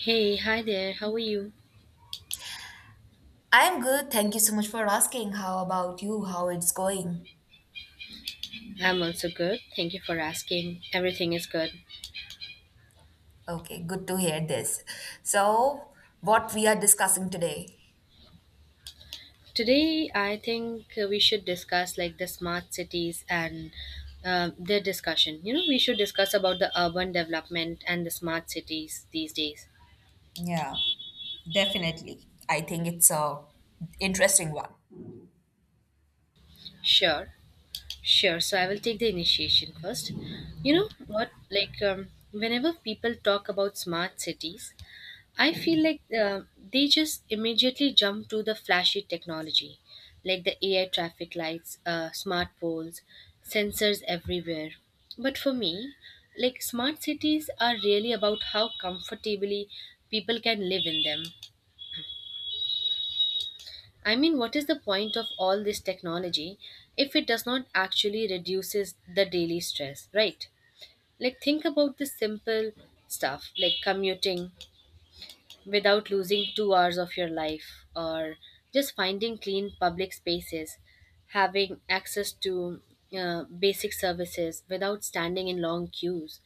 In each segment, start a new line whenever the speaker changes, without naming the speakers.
Hey, hi there, how are you?
I'm good. Thank you so much for asking. How about you? How it's going?
I'm also good. Thank you for asking. Everything is good.
Okay, good to hear this. So, what we are discussing today?
Today, I think we should discuss like the smart cities and their discussion. You know, we should discuss about the urban development and the smart cities these days.
Yeah, definitely. I think it's a interesting one.
Sure, sure. So, I will take the initiation first. You know what? Whenever people talk about smart cities, I feel like they just immediately jump to the flashy technology, like the AI traffic lights, smart poles, sensors everywhere. But for me, like smart cities are really about how comfortably people can live in them. I mean, what is the point of all this technology if it does not actually reduces the daily stress, right? Like think about the simple stuff like commuting, without losing 2 hours of your life or just finding clean public spaces, having access to basic services without standing in long queues.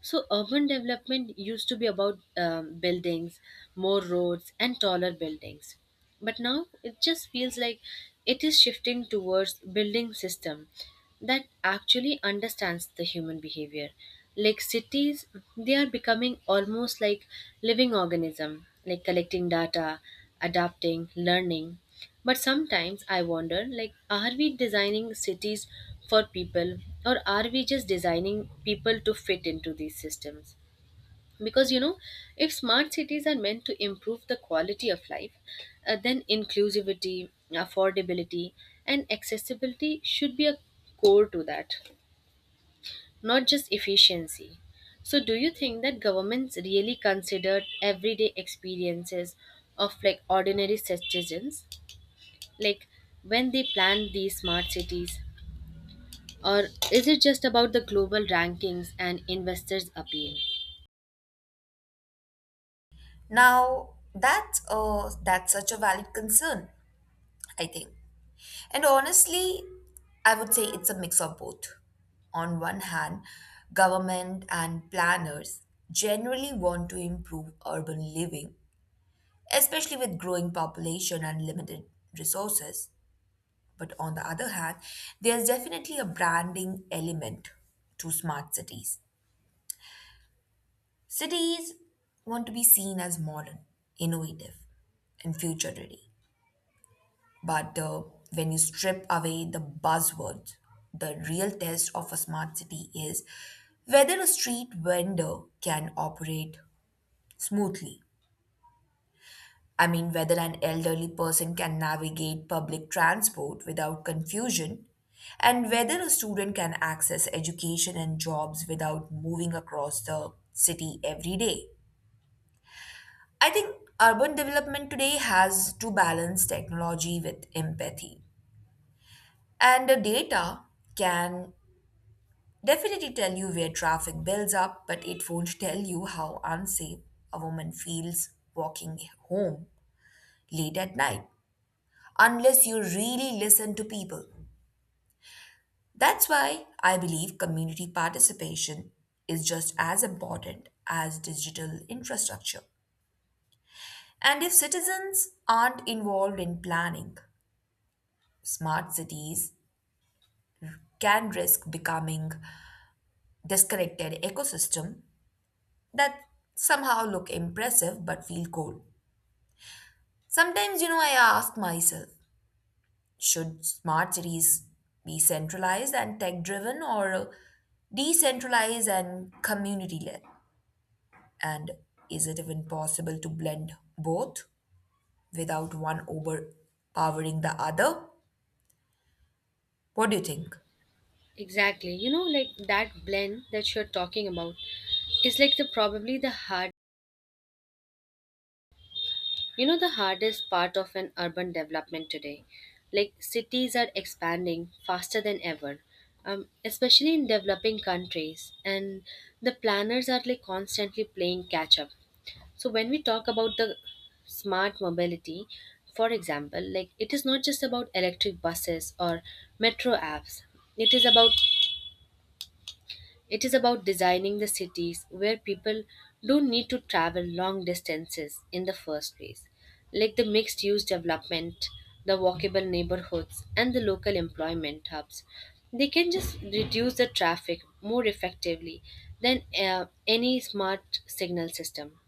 So, urban development used to be about buildings, more roads, and taller buildings, but now it just feels like it is shifting towards building system that actually understands the human behavior, like cities, they are becoming almost like living organism, like collecting data, adapting, learning. But sometimes I wonder, like, are we designing cities for people, or are we just designing people to fit into these systems? Because, you know, if smart cities are meant to improve the quality of life, then inclusivity, affordability, and accessibility should be a core to that, not just efficiency. So do you think that governments really considered everyday experiences of like ordinary citizens, like when they plan these smart cities, or is it just about the global rankings and investors appeal?
Now, that's such a valid concern, I think. And honestly, I would say it's a mix of both. On one hand, government and planners generally want to improve urban living, especially with growing population and limited resources. But on the other hand, there's definitely a branding element to smart cities. Cities want to be seen as modern, innovative, and future ready. But When you strip away the buzzwords, the real test of a smart city is whether a street vendor can operate smoothly. I mean, whether an elderly person can navigate public transport without confusion, and whether a student can access education and jobs without moving across the city every day. I think urban development today has to balance technology with empathy. And the data can definitely tell you where traffic builds up, but it won't tell you how unsafe a woman feels walking home late at night, unless you really listen to people. That's why I believe community participation is just as important as digital infrastructure. And if citizens aren't involved in planning, smart cities can risk becoming disconnected ecosystem that somehow look impressive but feel cold. Sometimes, you know, I ask myself, should smart cities be centralized and tech driven, or decentralized and community led? And is it even possible to blend both without one overpowering the other? What do you think?
Exactly. You know, like that blend that you're talking about is like the probably the hard, you know, the hardest part of an urban development today. Like cities are expanding faster than ever, especially in developing countries, and the planners are like constantly playing catch up. So when we talk about the smart mobility, for example, like it is not just about electric buses or metro apps. It is about It is about designing the cities where people don't need to travel long distances in the first place, like the mixed use development, the walkable neighborhoods, and the local employment hubs. They can just reduce the traffic more effectively than any smart signal system.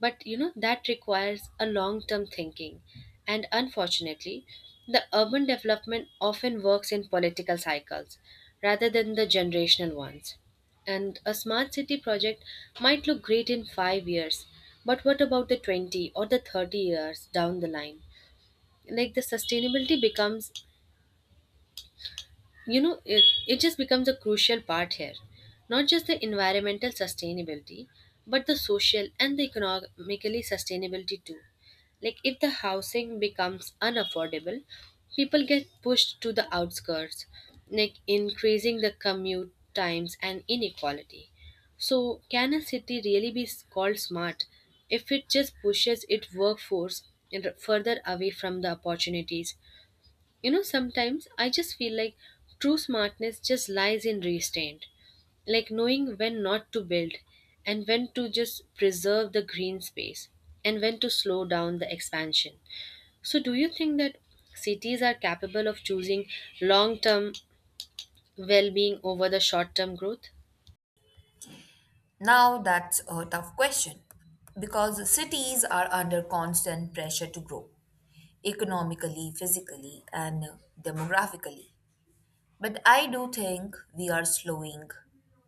But you know, that requires a long term thinking. And unfortunately, the urban development often works in political cycles rather than the generational ones. And a smart city project might look great in 5 years, but what about the 20 or the 30 years down the line? Like the sustainability becomes, you know, it just becomes a crucial part here, not just the environmental sustainability but the social and the economically sustainability too. Like if the housing becomes unaffordable, people get pushed to the outskirts, like increasing the commute times and inequality. So can a city really be called smart if it just pushes its workforce further away from the opportunities? You know, sometimes I just feel like true smartness just lies in restraint, like knowing when not to build, and when to just preserve the green space, and when to slow down the expansion. So, do you think that cities are capable of choosing long term well being over the short term growth?
Now that's a tough question because cities are under constant pressure to grow economically, physically, and demographically. But I do think we are slowing,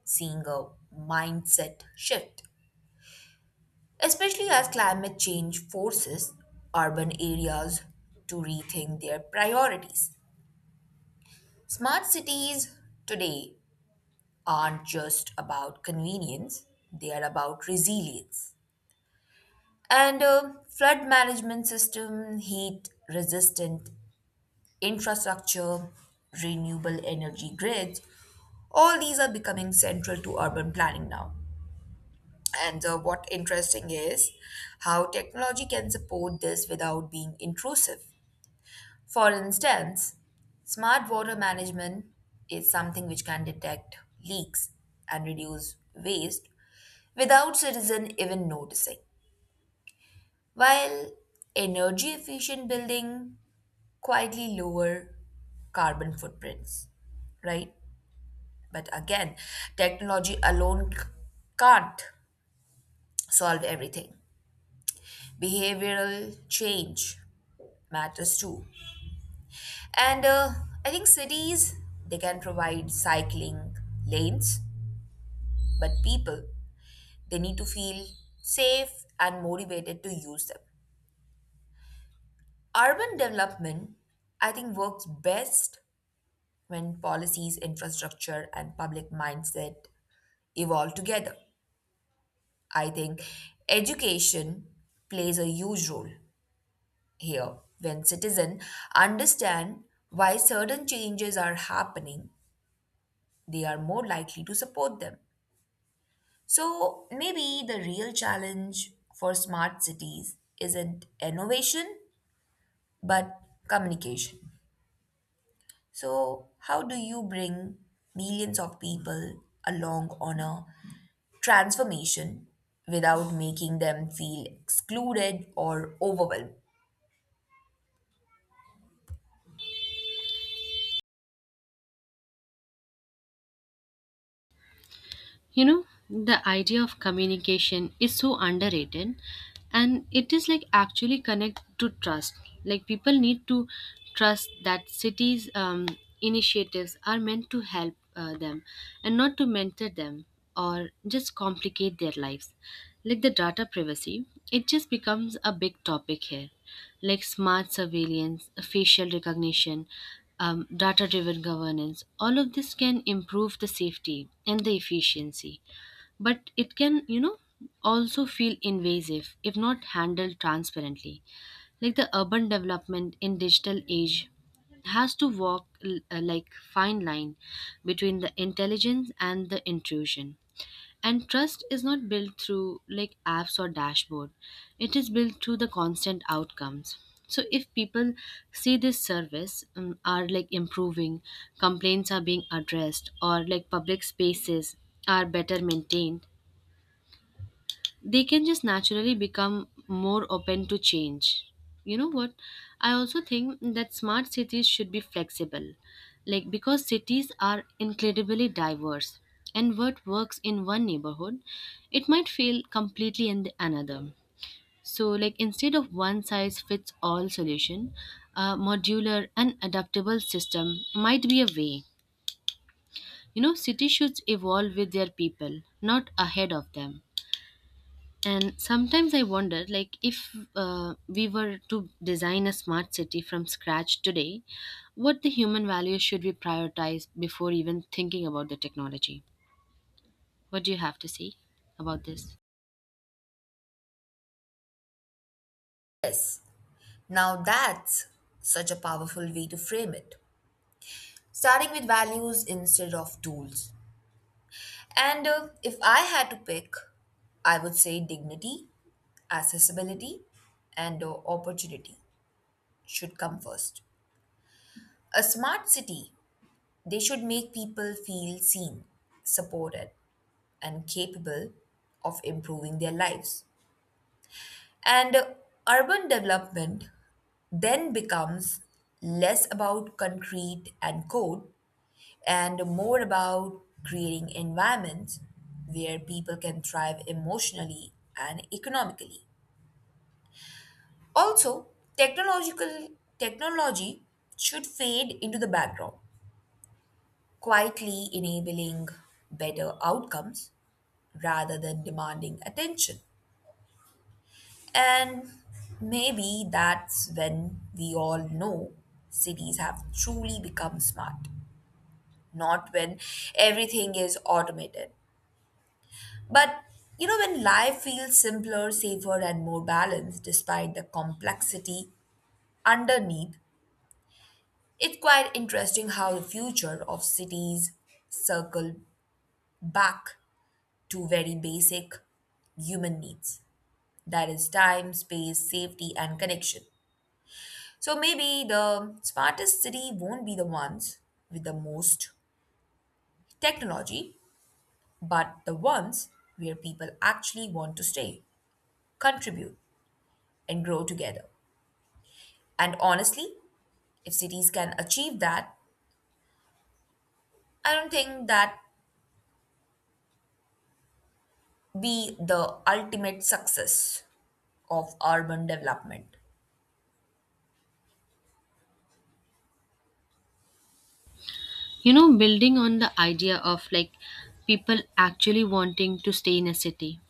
seeing a mindset shift, especially as climate change forces urban areas to rethink their priorities. Smart cities today aren't just about convenience, they are about resilience. And Flood management system, heat resistant infrastructure, renewable energy grids, all these are becoming central to urban planning now. And What interesting is how technology can support this without being intrusive. For instance, smart water management is something which can detect leaks and reduce waste without citizen even noticing, while energy efficient building quietly lower carbon footprints, right? But again, technology alone can't solve everything. Behavioral change matters too. And I think cities, they can provide cycling lanes, but people, they need to feel safe and motivated to use them. Urban development, I think, works best when policies, infrastructure, and public mindset evolve together. I think education plays a huge role here. When citizens understand why certain changes are happening, they are more likely to support them. So maybe the real challenge for smart cities isn't innovation, but communication. So, how do you bring millions of people along on a transformation without making them feel excluded or overwhelmed?
You know, the idea of communication is so underrated, and it is like actually connect to trust. Like people need to trust that cities initiatives are meant to help them and not to mentor them or just complicate their lives. Like the data privacy, it just becomes a big topic here. Like smart surveillance, facial recognition, data driven governance. All of this can improve the safety and the efficiency, but it can, you know, also feel invasive if not handled transparently. Like the urban development in digital age has to walk like fine line between the intelligence and the intrusion. And trust is not built through like apps or dashboard. It is built through the constant outcomes. So if people see this service are like improving, complaints are being addressed, or like public spaces are better maintained, they can just naturally become more open to change. You know what? I also think that smart cities should be flexible. Like, because cities are incredibly diverse, and what works in one neighborhood, it might fail completely in the another. So, like, instead of one size fits all solution, a modular and adaptable system might be a way. You know, cities should evolve with their people, not ahead of them. And sometimes I wonder, like, if we were to design a smart city from scratch today, what the human values should we prioritize before even thinking about the technology? What do you have to say about this?
Yes. Now that's such a powerful way to frame it. Starting with values instead of tools. And If I had to pick, I would say dignity, accessibility, and opportunity should come first. A smart city, they should make people feel seen, supported, and capable of improving their lives. And Urban development then becomes less about concrete and code and more about creating environments where people can thrive emotionally and economically. Also, technological technology should fade into the background, quietly enabling better outcomes rather than demanding attention. And maybe that's when we all know cities have truly become smart, not when everything is automated, but you know, when life feels simpler, safer, and more balanced despite the complexity underneath. It's quite interesting how the future of cities circle back to very basic human needs, that is, time, space, safety, and connection. So maybe the smartest city won't be the ones with the most technology, but the ones where people actually want to stay, contribute, and grow together. And honestly, if cities can achieve that, I don't think that be the ultimate success of urban development.
You know, building on the idea of like people actually wanting to stay in a city,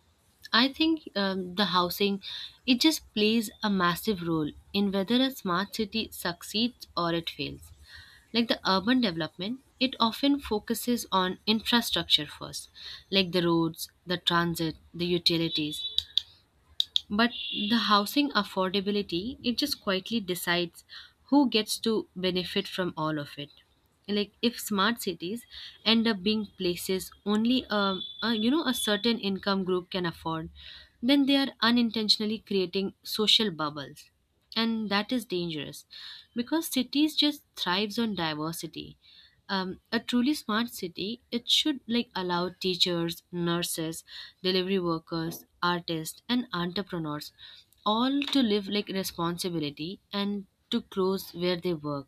I think the housing, it just plays a massive role in whether a smart city succeeds or it fails. Like the urban development, it often focuses on infrastructure first, like the roads, the transit, the utilities. But the housing affordability, it just quietly decides who gets to benefit from all of it. Like if smart cities end up being places only you know, a certain income group can afford, then they are unintentionally creating social bubbles. And that is dangerous because cities just thrives on diversity. A truly smart city, it should like allow teachers, nurses, delivery workers, artists, and entrepreneurs all to live like responsibility and to close where they work.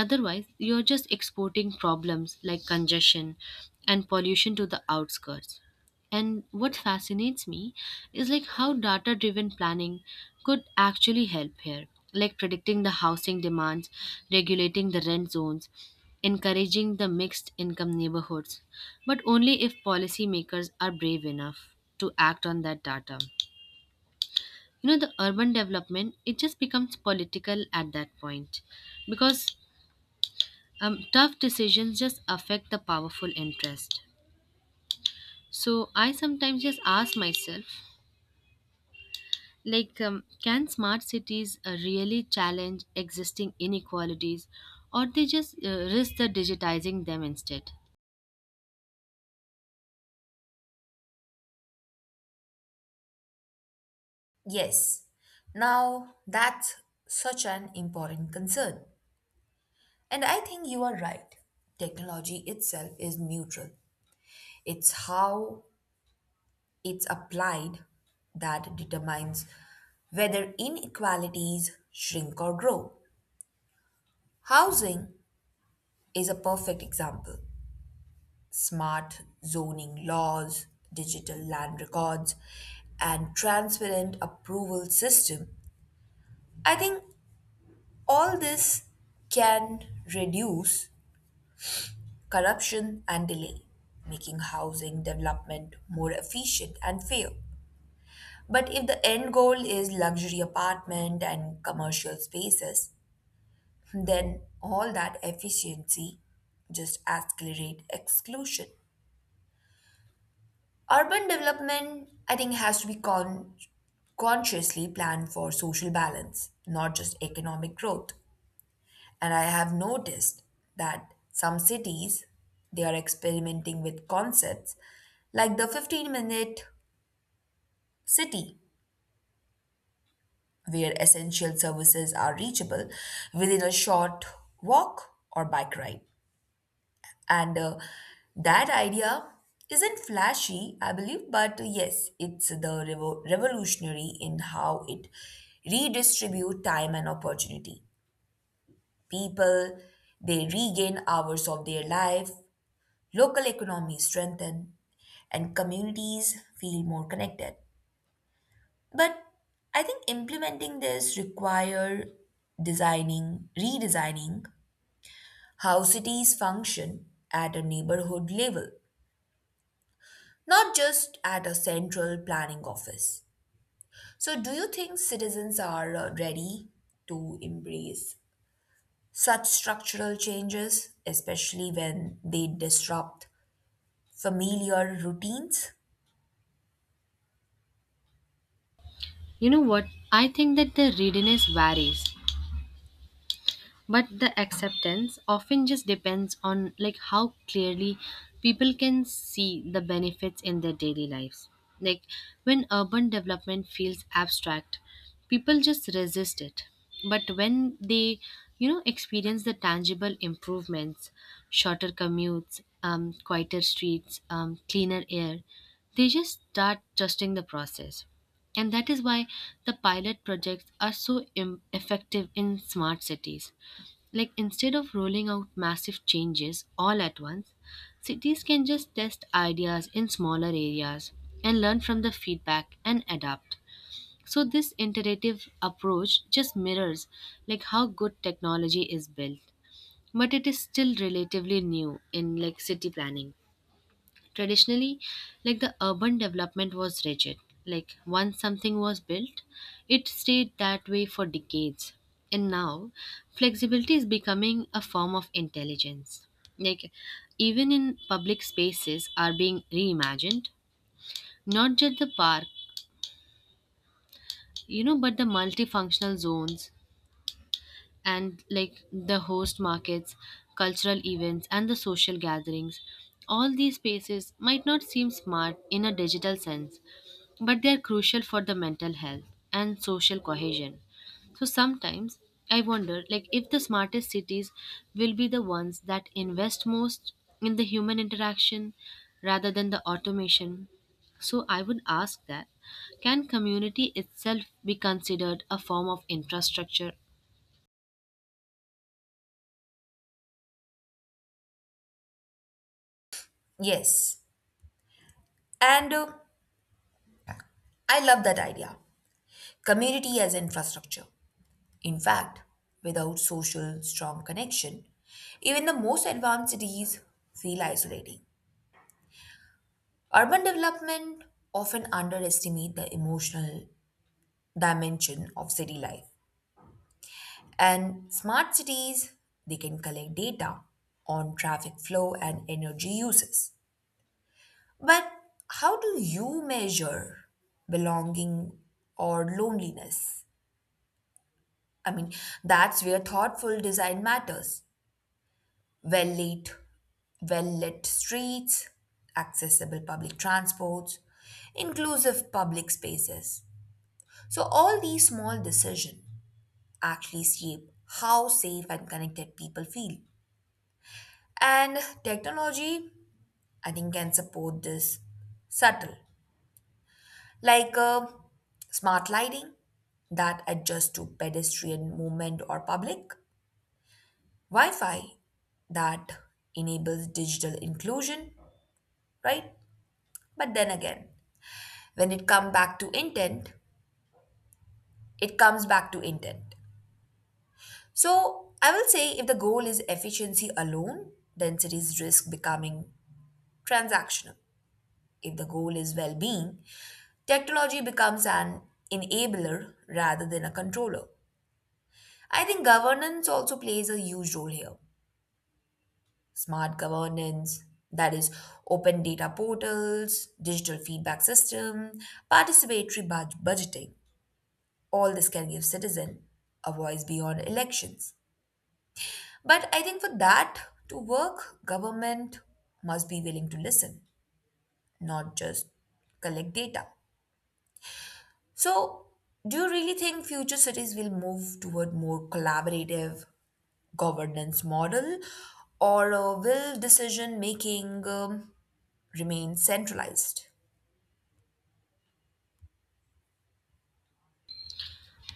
Otherwise, you're just exporting problems like congestion and pollution to the outskirts. And what fascinates me is like how data driven planning could actually help here, like predicting the housing demands, regulating the rent zones, encouraging the mixed income neighborhoods, but only if policymakers are brave enough to act on that data. You know, the urban development, it just becomes political at that point because tough decisions just affect the powerful interest. So I sometimes just ask myself, can smart cities really challenge existing inequalities, or they just risk the digitizing them instead?
Yes. Now, that's such an important concern. And I think you are right. Technology itself is neutral, it's how it's applied that determines whether inequalities shrink or grow. Housing is a perfect example. Smart zoning laws, digital land records, and transparent approval system. I think all this can reduce corruption and delay, making housing development more efficient and fair. But if the end goal is luxury apartment and commercial spaces, then all that efficiency just accelerate exclusion. Urban development, I think, has to be consciously planned for social balance, not just economic growth. And I have noticed that some cities, they are experimenting with concepts like the 15-minute city, where essential services are reachable within a short walk or bike ride. And That idea isn't flashy, I believe, but yes, it's the revolutionary in how it redistribute time and opportunity. People, they regain hours of their life, local economies strengthen, and communities feel more connected. But I think implementing this require redesigning how cities function at a neighborhood level, not just at a central planning office. So, do you think citizens are ready to embrace such structural changes, especially when they disrupt familiar routines?
You know what? I think that the readiness varies, but the acceptance often just depends on like how clearly people can see the benefits in their daily lives. Like when urban development feels abstract, people just resist it, but when they, you know, experience the tangible improvements, shorter commutes, quieter streets, cleaner air, they just start trusting the process. And that is why the pilot projects are so effective in smart cities. Like instead of rolling out massive changes all at once, cities can just test ideas in smaller areas and learn from the feedback and adapt. So this iterative approach just mirrors like how good technology is built, but it is still relatively new in like city planning. Traditionally, like the urban development was rigid. Like once something was built, it stayed that way for decades. And now, flexibility is becoming a form of intelligence. Like even in public spaces are being reimagined, not just the park, you know, but the multifunctional zones and like the host markets, cultural events, and the social gatherings. All these spaces might not seem smart in a digital sense, but they are crucial for the mental health and social cohesion. So sometimes I wonder like if the smartest cities will be the ones that invest most in the human interaction rather than the automation. So I would ask that, can community itself be considered a form of infrastructure?
Yes. And I love that idea, community as infrastructure. In fact, without social strong connection, even the most advanced cities feel isolating. Urban development often underestimate the emotional dimension of city life. And smart cities, they can collect data on traffic flow and energy uses. But how do you measure belonging or loneliness? I mean, that's where thoughtful design matters. Well lit, well lit streets, accessible public transports, inclusive public spaces. So all these small decisions actually shape how safe and connected people feel. And technology, I think, can support this subtle, like smart lighting that adjusts to pedestrian movement, or public Wi Fi that enables digital inclusion, right? But then again, when it comes back to intent, it comes back to intent. So I will say if the goal is efficiency alone, then cities risk becoming transactional. If the goal is well being, technology becomes an enabler rather than a controller. I think governance also plays a huge role here. Smart governance, that is, open data portals, digital feedback system, participatory budgeting. All this can give citizen a voice beyond elections. But I think for that to work, government must be willing to listen, not just collect data. So, do you really think future cities will move toward more collaborative governance model, or will decision making remain centralized?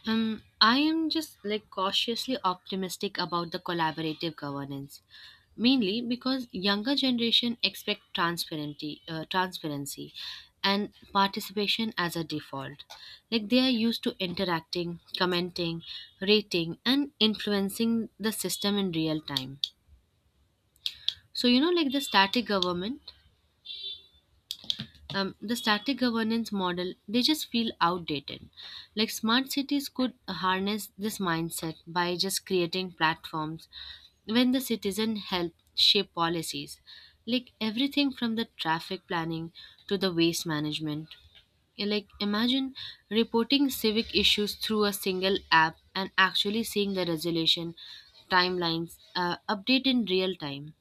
I am just like cautiously optimistic about the collaborative governance, mainly because younger generation expect transparency, and participation as a default. Like they are used to interacting, commenting, rating, and influencing the system in real time. So you know, like the static governance model, they just feel outdated. Like smart cities could harness this mindset by just creating platforms when the citizen help shape policies, like everything from the traffic planning to the waste management. Like imagine reporting civic issues through a single app and actually seeing the resolution timelines update in real time.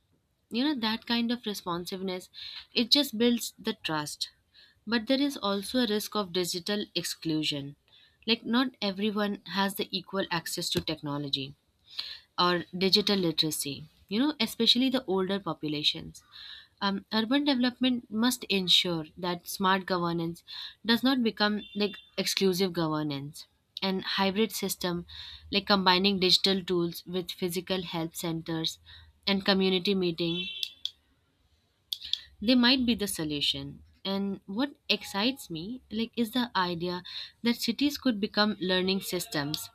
You know, that kind of responsiveness, it just builds the trust. But there is also a risk of digital exclusion, like not everyone has the equal access to technology or digital literacy, you know, especially the older populations. Urban development must ensure that smart governance does not become like exclusive governance, and hybrid system, like combining digital tools with physical help centers and community meeting, they might be the solution. And what excites me, like, is the idea that cities could become learning systems,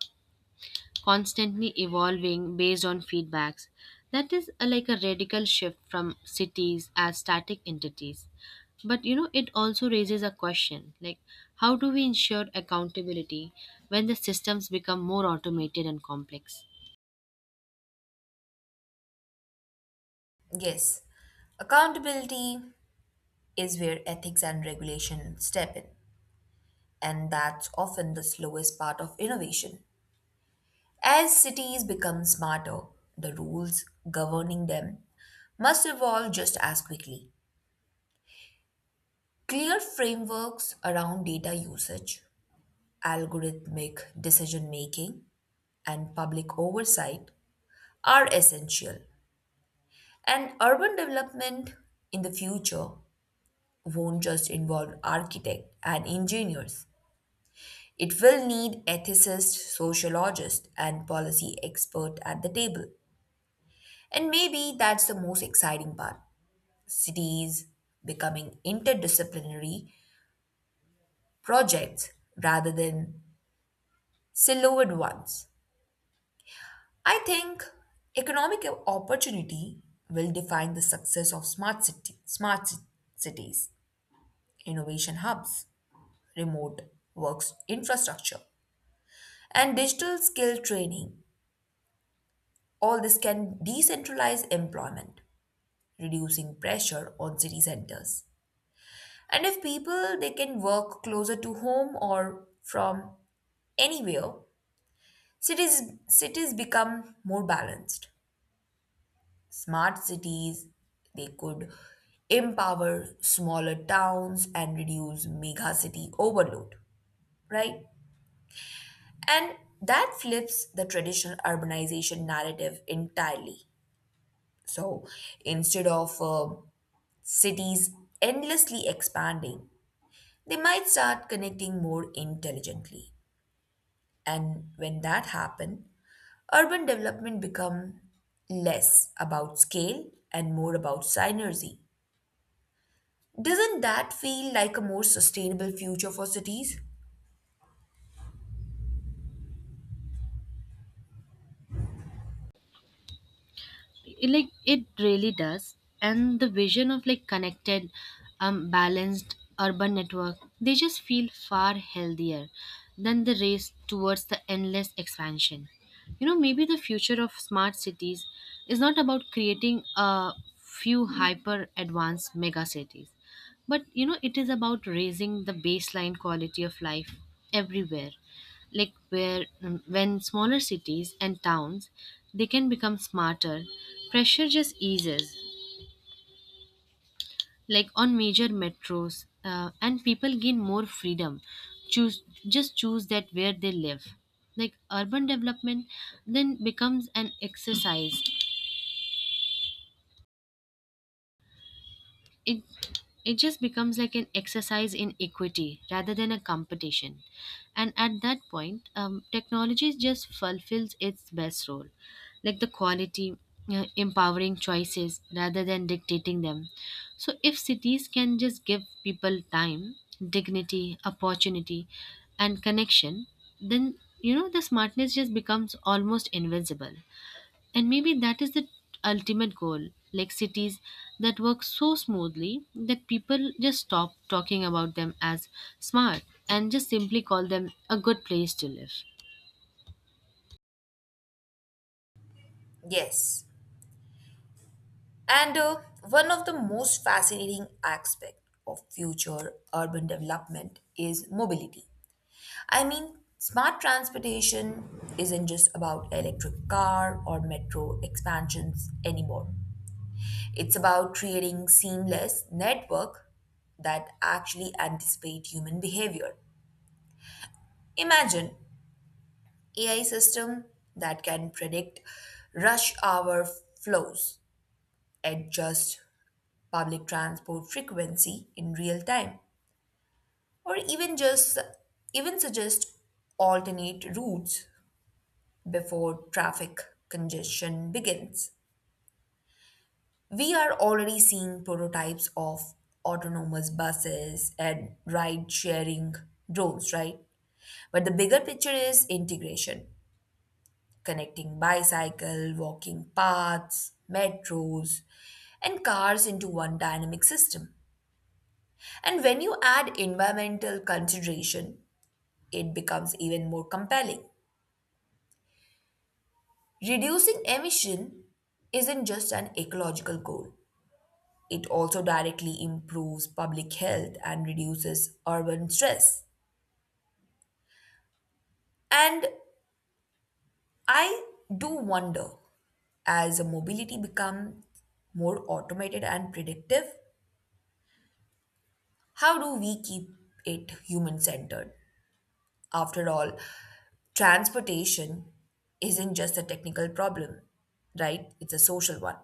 constantly evolving based on feedbacks. That is like a radical shift from cities as static entities. But you know, it also raises a question, like, how do we ensure accountability when the systems become more automated and complex?
Yes, accountability is where ethics and regulation step in, and that's often the slowest part of innovation. As cities become smarter, the rules governing them must evolve just as quickly. Clear frameworks around data usage, algorithmic decision making, and public oversight are essential. And urban development in the future won't just involve architects and engineers. It will need ethicists, sociologists, and policy experts at the table. And maybe that's the most exciting part, cities becoming interdisciplinary projects rather than siloed ones. I think economic opportunity will define the success of smart cities, innovation hubs, remote works infrastructure, and digital skill training. All this can decentralize employment, reducing pressure on city centers. And if people they can work closer to home or from anywhere, cities cities become more balanced. Smart cities, they could empower smaller towns and reduce mega city overload, right? And that flips the traditional urbanization narrative entirely. So instead of cities endlessly expanding, they might start connecting more intelligently. And when that happens, urban development become less about scale and more about synergy. Doesn't that feel like a more sustainable future for cities?
Like it really does, and the vision of like connected, balanced urban network, they just feel far healthier than the race towards the endless expansion. You know, maybe the future of smart cities is not about creating a few hyper advanced mega cities, but you know, it is about raising the baseline quality of life everywhere. Like where when smaller cities and towns, they can become smarter, pressure just eases, like on major metros, and people gain more freedom choose just choose that where they live. Like urban development then becomes an exercise, it it just becomes like an exercise in equity rather than a competition. And at that point, technology just fulfills its best role, like the quality, empowering choices rather than dictating them. So if cities can just give people time, dignity, opportunity, and connection, then, you know, the smartness just becomes almost invincible. And maybe that is the ultimate goal, like cities that work so smoothly that people just stop talking about them as smart and just simply call them a good place to live.
Yes. And One of the most fascinating aspects of future urban development is mobility. I mean, smart transportation isn't just about electric car or metro expansions anymore. It's about creating seamless network that actually anticipate human behavior. Imagine AI system that can predict rush hour flows, adjust public transport frequency in real time, or even just even suggest alternate routes before traffic congestion begins. We are already seeing prototypes of autonomous buses and ride sharing drones, right? But the bigger picture is integration, connecting bicycle, walking paths, metros, and cars into one dynamic system. And when you add environmental consideration, it becomes even more compelling. Reducing emission isn't just an ecological goal, it also directly improves public health and reduces urban stress. And I do wonder, as mobility becomes more automated and predictive, how do we keep it human centered? After all, transportation isn't just a technical problem, right? It's a social one.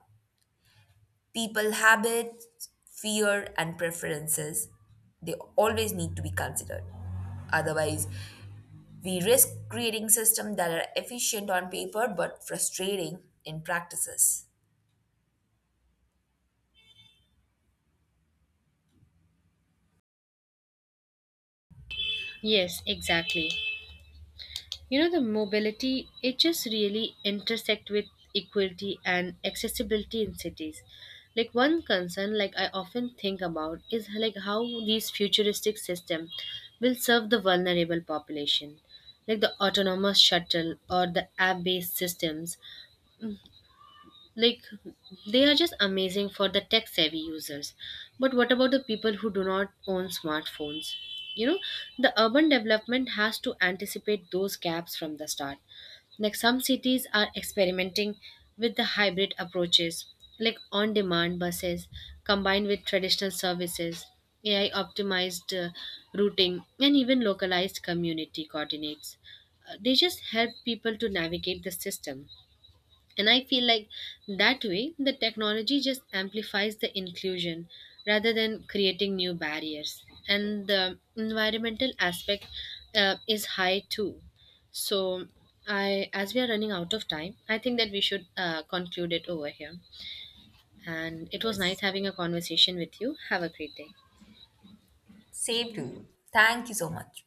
People habits, fear, and preferences, they always need to be considered. Otherwise, we risk creating systems that are efficient on paper but frustrating in practices.
Yes, exactly. You know, the mobility, it just really intersect with equality and accessibility in cities. Like one concern, like I often think about, is like how these futuristic system will serve the vulnerable population. Like the autonomous shuttle or the app-based systems, like they are just amazing for the tech savvy users. But what about the people who do not own smartphones? You know, the urban development has to anticipate those gaps from the start. Like some cities are experimenting with the hybrid approaches, like on demand buses combined with traditional services, AI optimized routing, and even localized community coordinates. They just help people to navigate the system. And I feel like that way the technology just amplifies the inclusion rather than creating new barriers. And the environmental aspect is high too. So, I as we are running out of time, I think that we should conclude it over here. And it was nice
Yes.
having a conversation with you. Have a great day.
Same to you. Thank you so much.